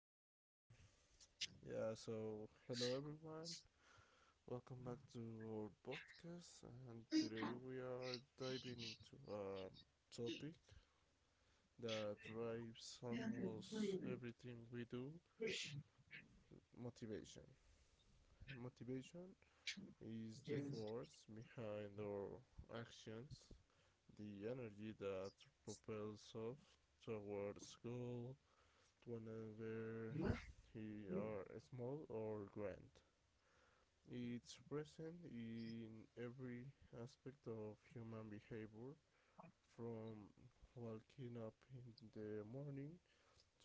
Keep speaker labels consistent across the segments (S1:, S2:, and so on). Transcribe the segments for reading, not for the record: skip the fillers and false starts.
S1: Yeah, so hello everyone. Welcome back to our podcast, and today we are diving into a topic that drives
S2: Hello
S1: almost everything we do motivation. Motivation is the force behind our actions, the energy that propels us towards goal, whenever they are small or grand. It's present in every aspect of human behavior, from waking up in the morning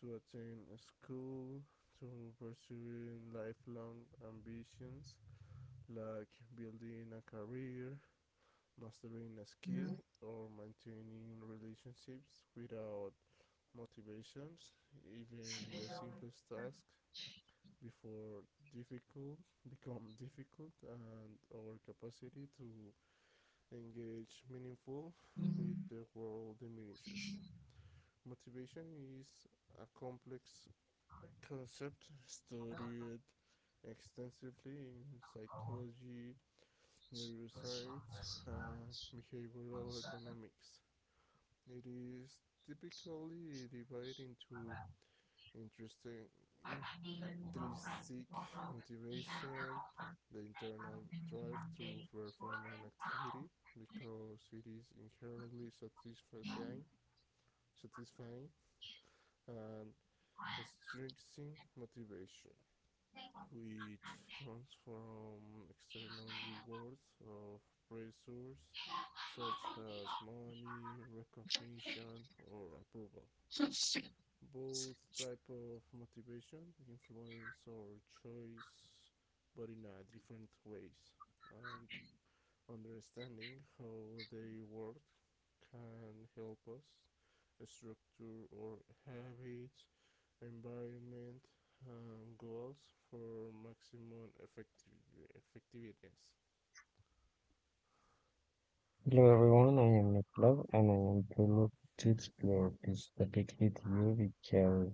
S1: to attend school to pursuing lifelong ambitions like building a career, mastering a skill, or maintaining relationships without motivations. Even the simplest tasks before difficult become difficult and our capacity to engage meaningful with the world diminishes. Motivation is a complex concept studied extensively in psychology, neuroscience, and behavioral economics. It is typically divided into interesting intrinsic motivation, the internal drive to perform an activity because it is inherently satisfying, satisfying and strengthening motivation, which comes from external rewards or pressures such as money, recognition, or approval. Both type of motivation, influence our choice, but in a different ways. And understanding how they work can help us structure our habits, environment, and goals for maximum effectiveness.
S2: everyone, I am Nicola and I am going to player. This particularly theory we carry.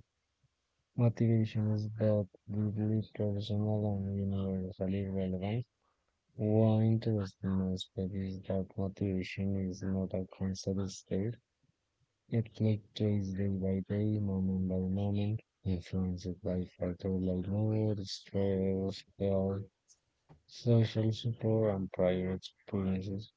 S2: Motivation is both deeply personal and universally relevant. One interesting aspect is that motivation is not a constant state. It fluctuates day by day, moment by moment, influenced by factors like mood, stress, health, social support and prior experiences.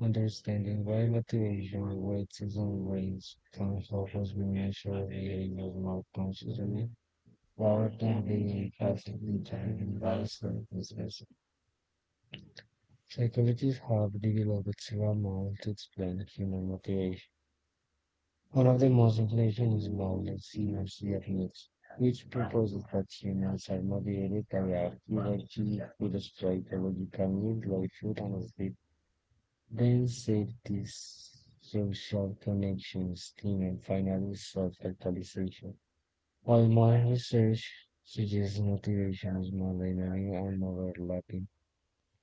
S2: Understanding why motivation weights and ways can help us we measure behaviors more consciously rather than being passively determined by circumstances. Psychologists have developed several models to explain human motivation. One of the most influential is knowledge inertia effects, which proposes that humans are motivated by activity, with a hierarchy which illustrates the logical needs like food and sleep. Then save these social connections team and finally, self-actualization. While my research suggests motivation is more dynamic and more overlapping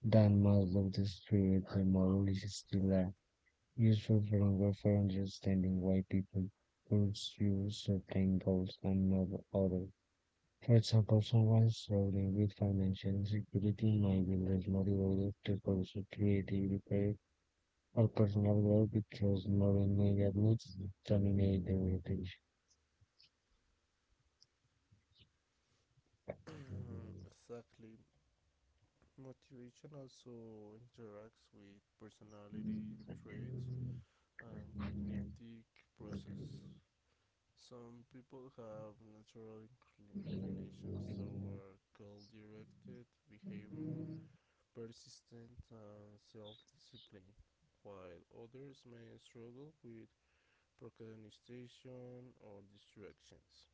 S2: than most of the spirit, the model is still useful framework for understanding why people pursue certain goals and not others. For example, someone struggling with financial insecurity might be less motivated to pursue creative careers all personnel were because Marine units dominate the rotation.
S1: Exactly. Motivation also interacts with personality traits and cognitive process. Some people have natural inclinations toward goal directed behavior, persistence, and self discipline, while others may struggle with procrastination or distractions.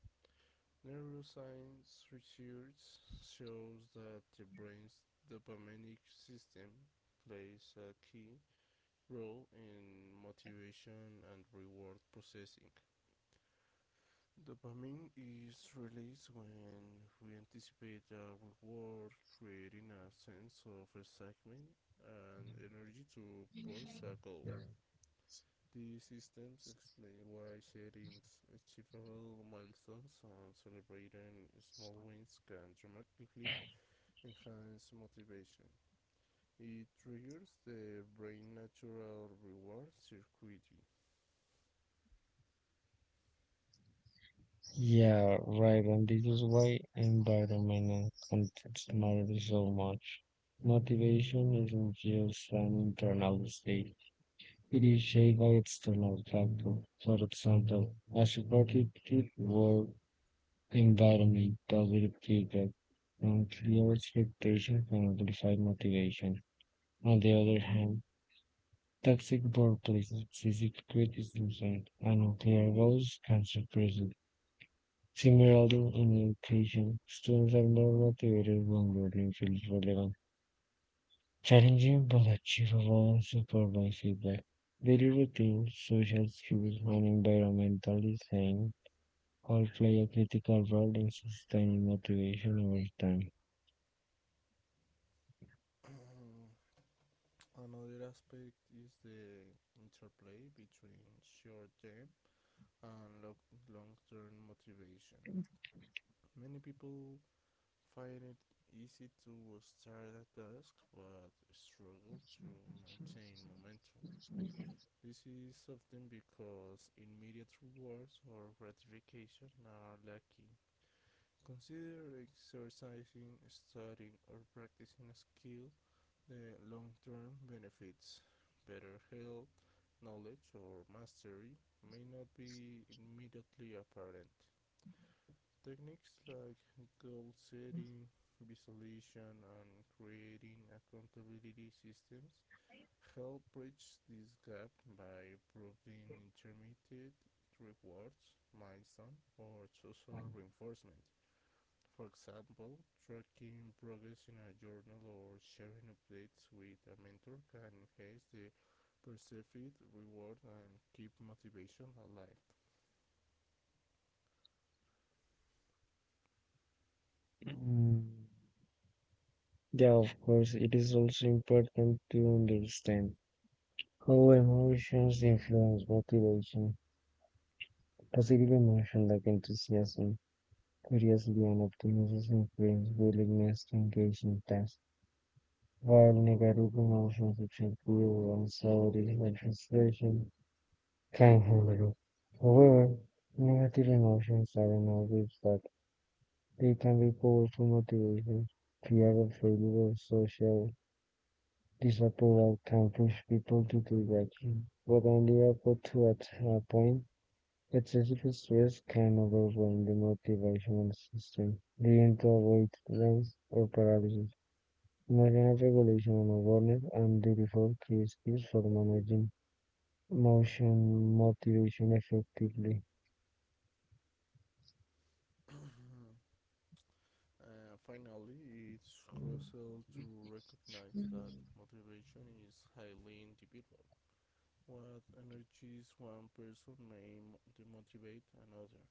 S1: Neuroscience research shows that the brain's dopaminic system plays a key role in motivation and reward processing. Dopamine is released when we anticipate a reward, creating a sense of excitement and energy to pursue a goal. These systems explain why sharing achievable milestones and celebrating small wins can dramatically enhance motivation. It triggers the brain's natural reward circuitry.
S2: Yeah, right, and this is why environmental context matters so much. Motivation isn't just an internal state, it is shaped by external factors. For example, a supportive work environment, positive feedback, and clear expectations can amplify motivation. On the other hand, toxic workplaces, physical criticism, and nuclear goals can suppress it. Similarly, in education, students are more motivated when learning feels relevant, challenging but achievable, and supported by feedback. Daily routines, social skills, and environmental design all play a critical role in sustaining motivation over time.
S1: Another aspect is the interplay between short term and long term motivation. Many people find it easy to start a task but struggle to maintain momentum. This is often because immediate rewards or gratification are lacking. Consider exercising, studying, or practicing a skill the long-term benefits, better health, knowledge or mastery may not be immediately apparent. Techniques like goal setting, visualization, and creating accountability systems help bridge this gap by providing intermediate rewards, milestone, or social reinforcement. For example, tracking progress in a journal or sharing updates with a mentor can enhance the perceived reward and keep motivation alive.
S2: Mm, Yeah, of course, it is also important to understand how emotions influence motivation. Positive mentioned like enthusiasm, curiosity, and optimism influence willingness to engage in tasks, while negative emotions such as fear, anxiety, and frustration can hinder it. However, negative emotions are innovative that they can be powerful motivation. Fear of failure or social disapproval can push people to take action, but only up to at a point. Excessive stress can overwhelm the motivational system, leading to avoidance or paralysis. Emotional regulation and awareness are the default key skills for managing motion motivation effectively.
S1: Finally, it's crucial to recognize that motivation is highly individual. What energizes one person may demotivate another.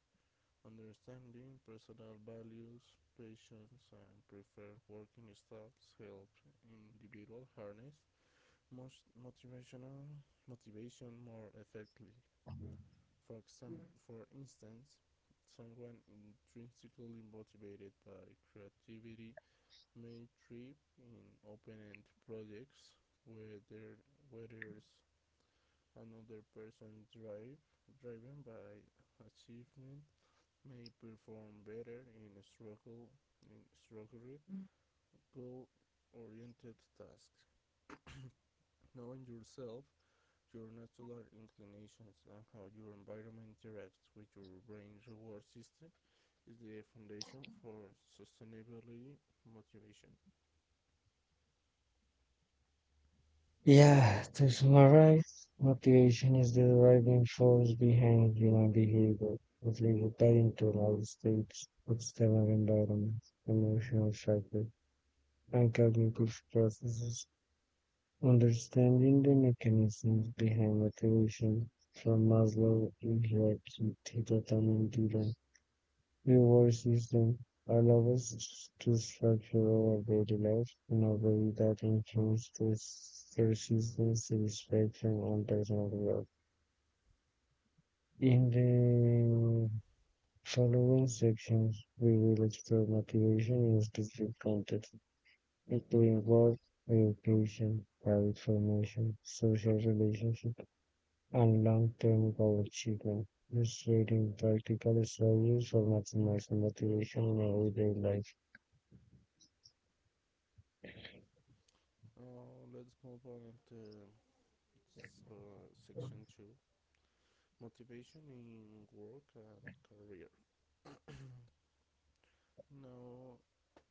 S1: Understanding personal values, passions, and preferred working styles helps individuals harness most motivational motivation more effectively. For instance, someone intrinsically motivated by creativity may thrive in open-end projects, whether whereas another person drive driven by achievement may perform better in struggle in structured goal-oriented tasks. Knowing yourself, your natural inclinations, and how your environment interacts with your brain's reward system is the foundation for sustainability motivation.
S2: Yeah, to summarize, motivation is the driving force behind human behavior, motivated by internal states, external environments, emotional factors, and cognitive processes. Understanding the mechanisms behind motivation from Maslow in hierarchy to the driven reward system allows us to structure our daily life in a way that influences this persistence, satisfaction, and personal growth. In the following sections, we will explore motivation in specific contexts, including work, education, private formation, social relationships, and long-term goal achievement. Illustrating practical strategies for maximizing motivation in everyday life.
S1: Now let's move on to section 2 motivation in work and career. Now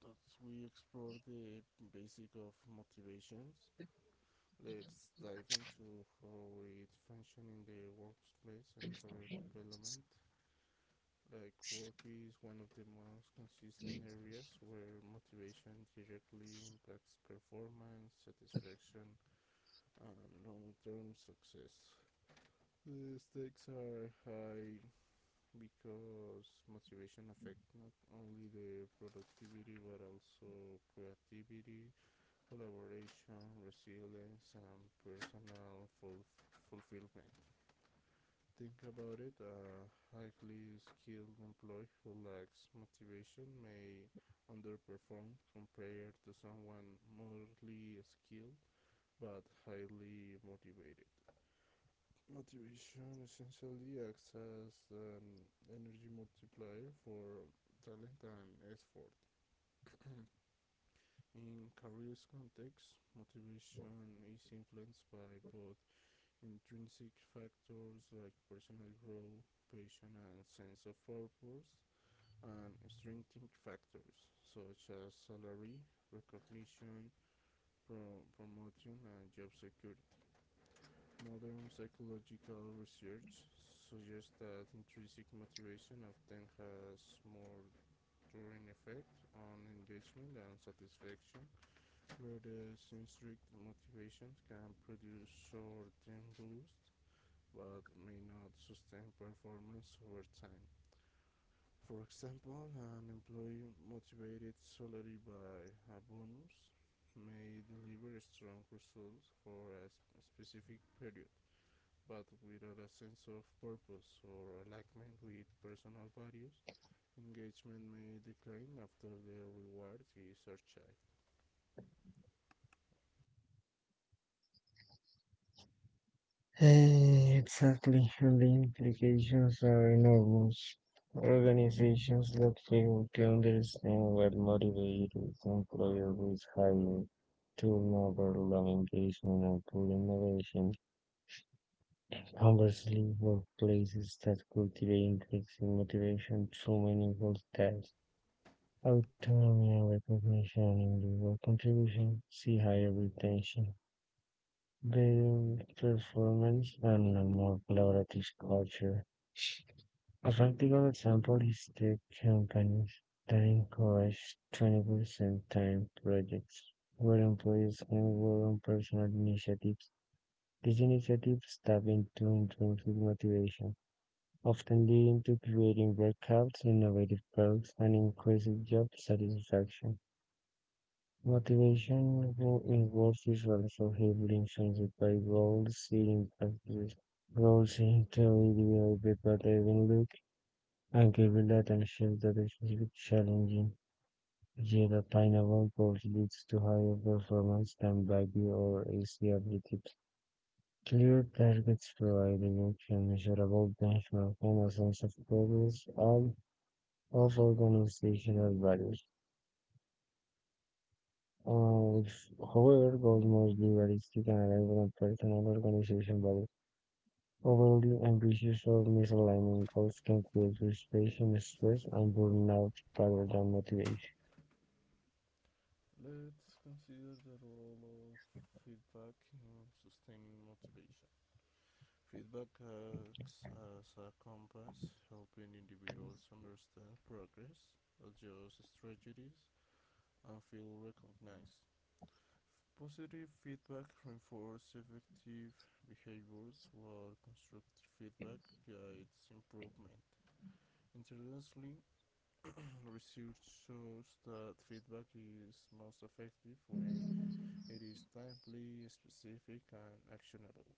S1: that we explore the basic of motivations, let's dive into how it functions in the workplace and career development. Like work is one of the most consistent areas where motivation directly impacts performance, satisfaction, and long-term success. The stakes are high because motivation affects not only the productivity but also creativity, collaboration, resilience, and personal fulfillment. Think about it: a highly skilled employee who lacks motivation may underperform compared to someone moderately skilled but highly motivated. Motivation essentially acts as an energy multiplier for talent and effort. In careers context, motivation is influenced by both intrinsic factors like personal growth, passion and sense of purpose, and extrinsic factors such as salary, recognition, promotion, and job security. Modern psychological research suggests that intrinsic motivation often has more enduring effect on engagement than satisfaction, whereas intrinsic motivation can produce short-term boosts but may not sustain performance over time. For example, an employee motivated solely by a bonus may deliver strong results for a specific period, but without a sense of purpose or alignment with personal values, engagement may decline after the reward is achieved.
S2: Exactly, and the implications are enormous. Organizations that fail to understand what motivates employees with higher turnover, low engagement, and poor innovation. Conversely, workplaces that cultivate intrinsic motivation through meaningful tasks, autonomy and recognition in the work contribution see higher retention, better performance, and a more collaborative culture. A practical example is tech companies that encourage 20% time projects where employees can work on personal initiatives. These initiatives tap into intrinsic motivation, often leading to creating breakouts, innovative products, and increasing job satisfaction. In words is also heavily influenced by goals, seeing practice, goals in theory, but even look and giving attention that is really challenging. Yet attainable goals leads to higher performance than baggy or AC objectives. Clear targets providing action, measurable benchmark, and a sense of progress, all of organizational values. Uh, however, goals must be realistic and arrival at personal organization value. Overly ambitious or misaligning goals can create frustration, stress, and burnout rather than motivation.
S1: Let's consider the role of feedback in sustaining motivation. Feedback acts as a compass, helping individuals understand progress, adjust strategies, and feel recognized. Positive feedback reinforces effective behaviors, while constructive feedback guides improvement. Interestingly, research shows that feedback is most effective when it is timely, specific, and actionable.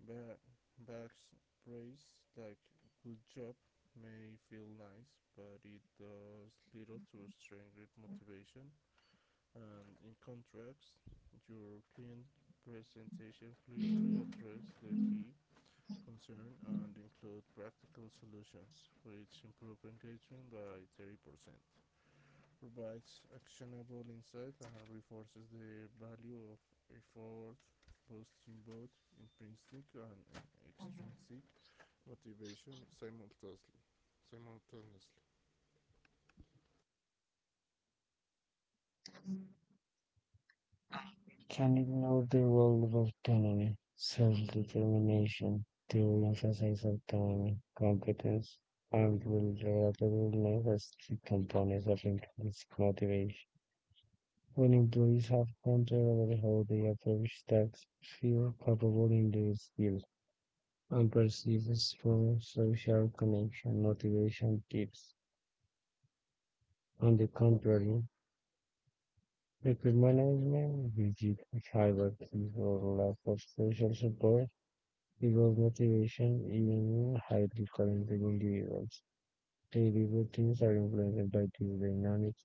S1: Ba- Bach's praise, like good job, may feel nice, but it does little to strengthen motivation and in contracts, your client presentation clearly addresses the key concern and include practical solutions which improve engagement by 30%, provides actionable insight and reinforces the value of effort, boosting both intrinsic and extrinsic motivation simultaneously.
S2: Can ignore the role of autonomy, self-determination, they will emphasize autonomy, competence, and will relatability as key components of intrinsic motivation. When employees have control over how they approach tasks, feel capable in their skills and perceives strong social connection. Motivation tips, on the contrary, record rigid hierarchies, or lack of social support equals motivation even in highly talented individuals. Daily routines are influenced by these dynamics.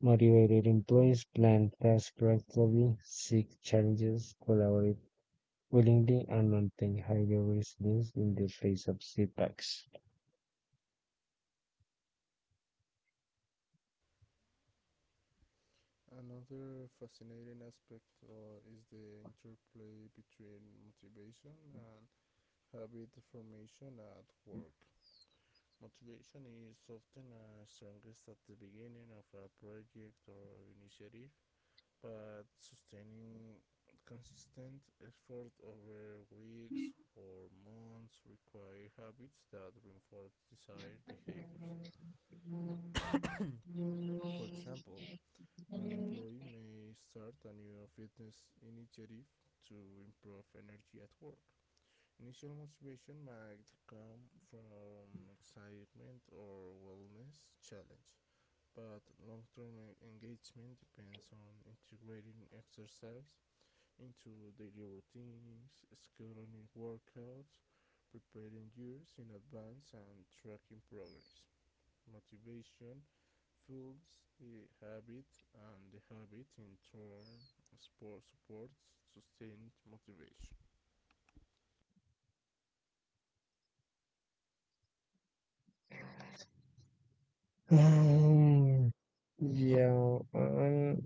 S2: Motivated employees plan tasks proactively, seek challenges, collaborate willingly, and maintain higher resilience in the face of setbacks.
S1: Another fascinating aspect is the interplay between motivation and habit formation at work. Motivation is often strongest at the beginning of a project or initiative, but sustaining consistent effort over weeks or months require habits that reinforce desired behaviors. For example, an employee may start a new fitness initiative to improve energy at work. Initial motivation might come from excitement or wellness challenge, but long term engagement depends on integrating exercise into daily routines, scheduling workouts, preparing years in advance, and tracking progress. Motivation fuels the habit, and the habit in turn supports sustained motivation.
S2: Um, yeah, and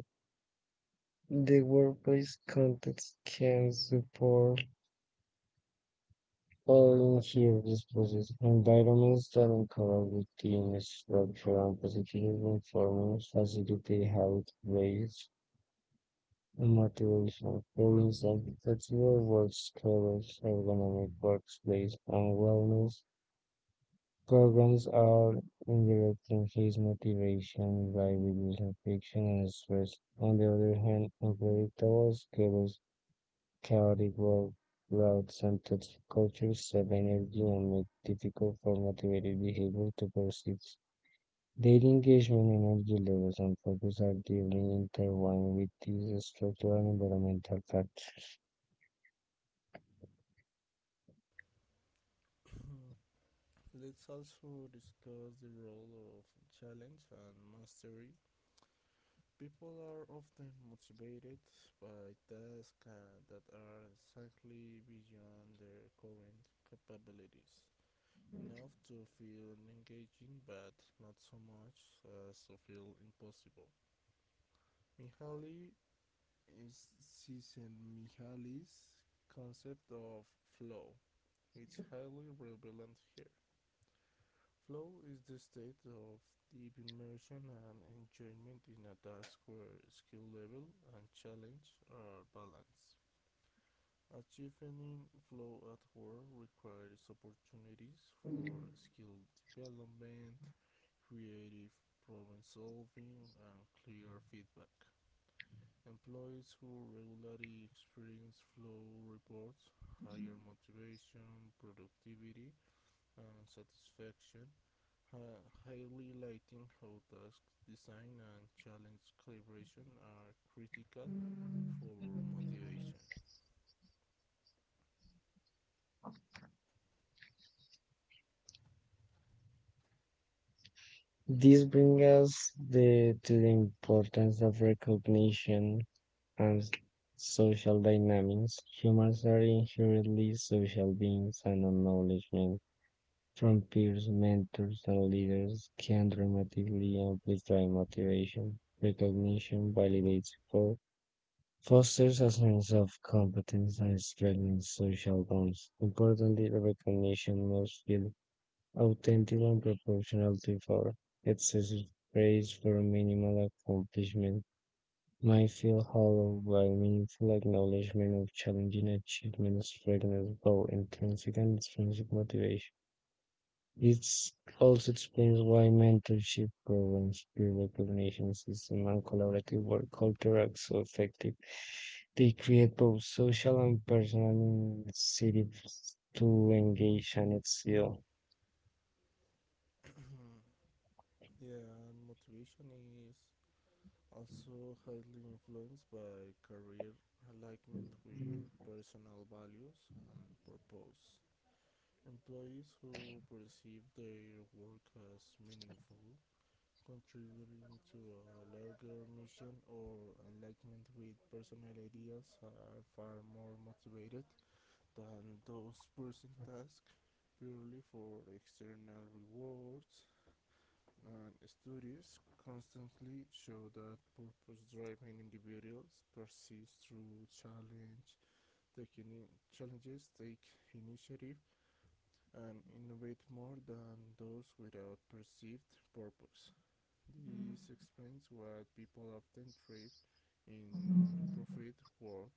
S2: the workplace context can support all inherent process environments that encourage routine structure and positive performance, facilitate habit rates, and motivation. For instance, flexible work schedules, ergonomic workspace, and wellness programs are interrupting his motivation by reducing friction and stress. On the other hand, unpredictable schedules, chaotic work routes, and toxic cultures sap energy and make it difficult for motivated behavior to persist. Their engagement, energy levels, and focus are deeply intertwined with these structural and environmental factors.
S1: Let's also discuss the role of challenge and mastery. People are often motivated by tasks that are slightly beyond their current capabilities, enough to feel engaging but not so much as to feel impossible. Mihaly is Csikszentmihalyi's concept of flow. It's highly relevant here. Flow is the state of deep immersion and enjoyment in a task where skill level and challenge are balanced. Achieving flow at work requires opportunities for skill development, creative problem solving, and clear feedback. Employees who regularly experience flow reports higher motivation, productivity, and satisfaction, highlighting how task design and challenge calibration are critical for motivation.
S2: This brings us the, To the importance of recognition and social dynamics. Humans are inherently social beings, and acknowledgement from peers, mentors, and leaders can dramatically amplify motivation. Recognition validates effort, fosters a sense of competence, and strengthens social bonds. Importantly, the recognition must feel authentic and proportional to effort. Excessive praise for minimal accomplishment might feel hollow, while meaningful acknowledgement of challenging achievements strengthens both intrinsic and extrinsic motivation. It also explains why mentorship programs, peer recognition systems, and collaborative work culture are so effective. They create both social and personal incentives to engage and excel.
S1: Yeah, and motivation is also highly influenced by career alignment with personal values and purpose. Employees who perceive their work as meaningful, contributing to a larger mission or alignment with personal ideas are far more motivated than those pursuing tasks purely for external rewards and studies constantly show that purpose driven individuals persist through challenges take initiative and innovate more than those without perceived purpose. This explains why people often trade in non-profit work,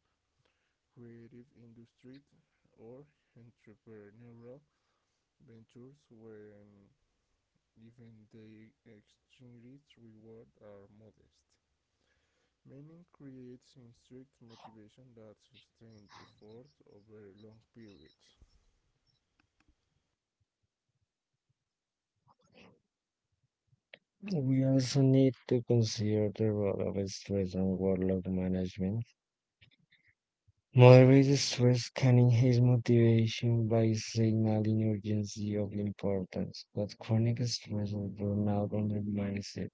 S1: creative industry, or entrepreneurial ventures when even the extrinsic rewards are modest. Meaning creates intrinsic motivation that sustains effort over long periods.
S2: We also need to consider the role of stress and workload management. Moraes stressed canning his motivation by signaling urgency of importance, but chronic stress and burnout undermines it.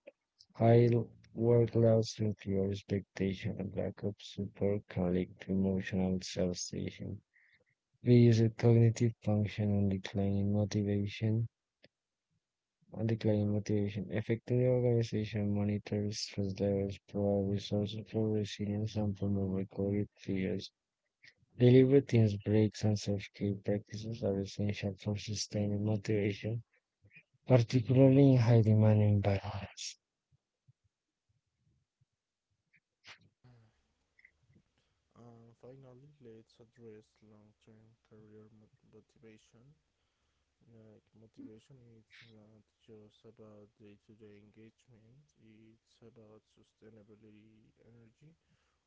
S2: High workloads, superior expectations, and lack of support can lead to emotional exhaustion, reduced cognitive function, and declining motivation. And declining motivation. Effective organization monitors stress levels, provide resources for resilience, and promote recovery periods. Delivery teams breaks and self-care practices are essential for sustaining motivation, particularly in high-demand environments.
S1: And finally, let's address long-term career motivation. Like motivation is not just about day-to-day engagement, it's about sustainability energy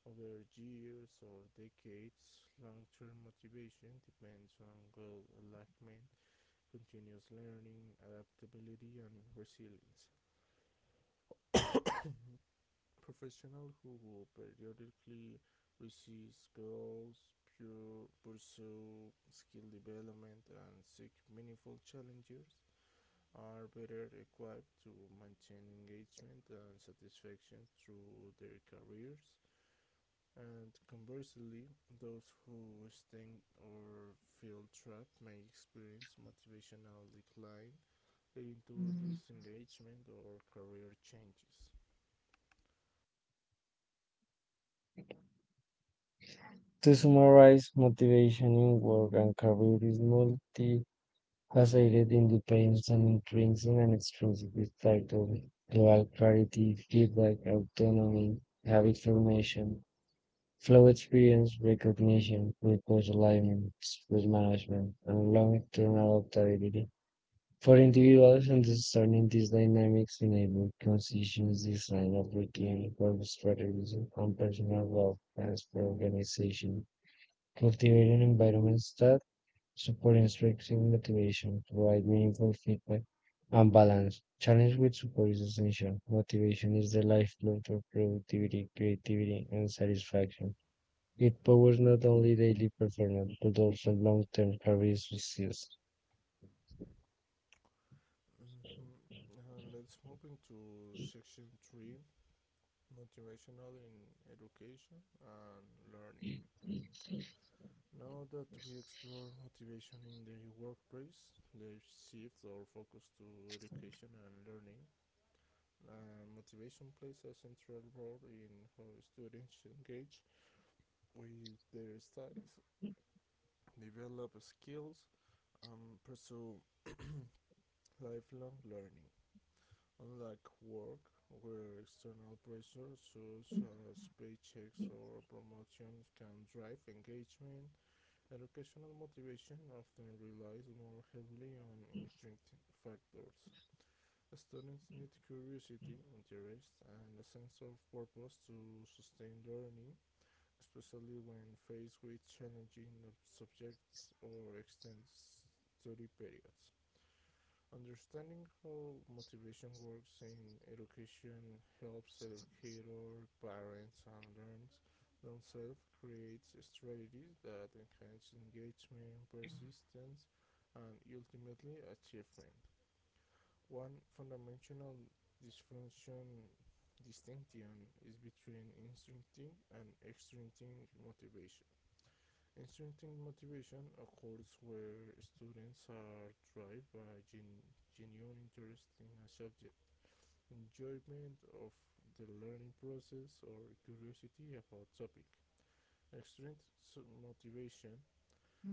S1: over years or decades. Long-term motivation depends on goal alignment, continuous learning, adaptability and resilience. Professional who periodically receive goals, pursue skill development, and seek meaningful challenges are better equipped to maintain engagement and satisfaction through their careers. And conversely, those who sting or feel trapped may experience motivational decline, leading to disengagement or career changes.
S2: To summarize, motivation in work and career is multifaceted, independent, and intrinsic and extrinsic. It's tied to global clarity, feedback, autonomy, habit formation, flow experience, recognition, purpose alignment, risk management, and long-term adaptability. For individuals, understanding these dynamics enable conscious design of routine, work strategies, and personal growth plans for organization, cultivating environments that support intrinsic motivation, provide meaningful feedback, and balance. Challenge with support is essential. Motivation is the lifeblood of productivity, creativity, and satisfaction. It powers not only daily performance, but also long-term career success.
S1: Mm-hmm. And let's move into section three motivational in education and learning. Now that we explore motivation in the workplace, let's shift our focus to education and learning. Motivation plays a central role in how students engage with their studies, develop skills, and pursue lifelong learning. Unlike work, where external pressures such as paychecks or promotions can drive engagement, educational motivation often relies more heavily on intrinsic factors. Students need curiosity, interest, and a sense of purpose to sustain learning, especially when faced with challenging subjects or extended study periods. Understanding how motivation works in education helps educators, parents, and learners themselves create strategies that enhance engagement, persistence, and ultimately achievement. One fundamental dysfunction distinction is between intrinsic and extrinsic motivation. Intrinsic motivation occurs where students are driven by genuine interest in a subject, enjoyment of the learning process, or curiosity about topic. Extrinsic motivation,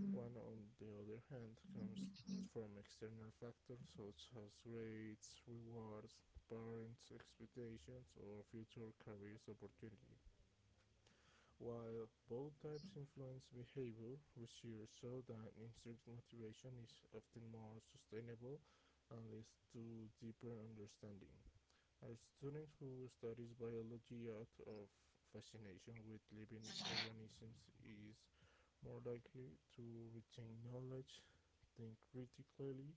S1: one on the other hand, comes from external factors such as grades, rewards, parents' expectations, or future career opportunities. While both types influence behavior, research shows that instructor motivation is often more sustainable and leads to deeper understanding. As students who studies biology out of fascination with living organisms is more likely to retain knowledge, think critically,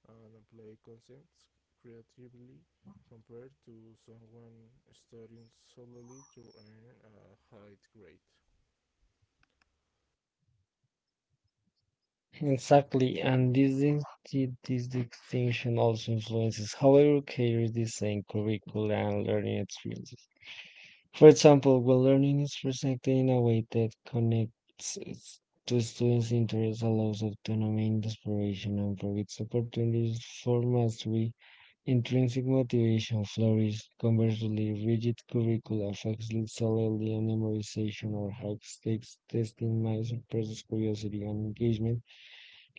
S1: and apply concepts creatively compared to someone studying solely to earn a high grade.
S2: Exactly, and this distinction also influences how educators design curricula and learning experiences. For example, when learning is presented in a way that connects to students' interests, allows autonomy and exploration, and provides opportunities for mastery, intrinsic motivation flourishes. Conversely, rigid curricula facilitates solely on memorization or high-stakes testing might suppress curiosity and engagement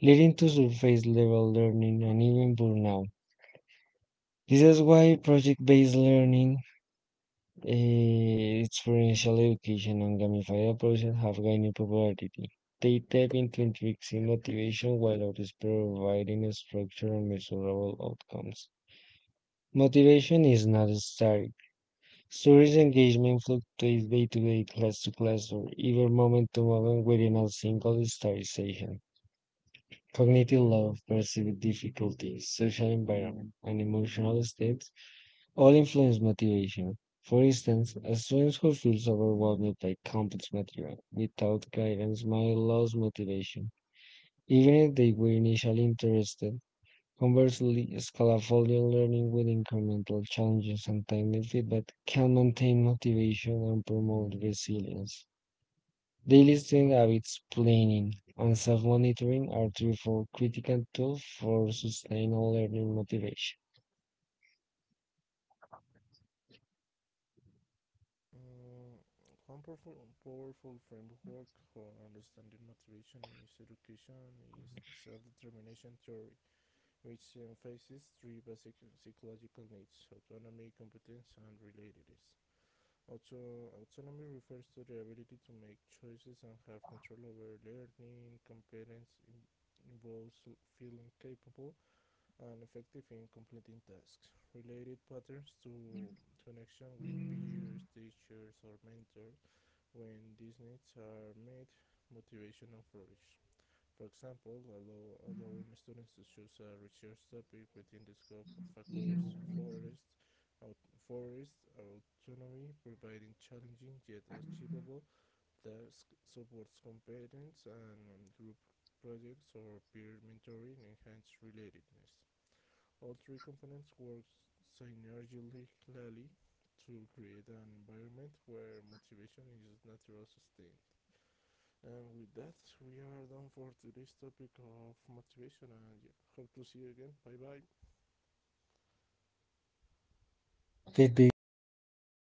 S2: leading to surface level learning and even burnout. This is why project based learning, experiential education, and gamified approaches have gained popularity. They tap into intrinsic motivation while others providing structure and measurable outcomes. Motivation is not static. Students' engagement fluctuates day to day, class to class, or even moment to moment within a single study session. Cognitive love, perceived difficulties, social environment, and emotional states all influence motivation. For instance, a student who feels overwhelmed by complex material without guidance might lose motivation, even if they were initially interested. Conversely, scaffolding learning with incremental challenges and timely feedback can maintain motivation and promote resilience. Daily student habits planning and self-monitoring are therefore critical tools for sustainable learning motivation.
S1: Mm, one powerful framework for understanding motivation is education is self-determination theory, which emphasizes three basic psychological needs: autonomy, competence, and relatedness. Autonomy refers to the ability to make choices and have control over learning. Involves feeling capable and effective in completing tasks. Related patterns to connection with peers, teachers, or mentors when these needs are met, motivation will flourish. For example, allowing students to choose a research topic within the scope of a course, forest autonomy, providing challenging yet achievable tasks, supports competence and group projects or peer mentoring enhance relatedness. All three components work synergistically to create an environment where motivation is natural sustained. And with that, we are done for today's topic of motivation. And yeah, hope to see you again. Bye bye.
S2: Feedback is an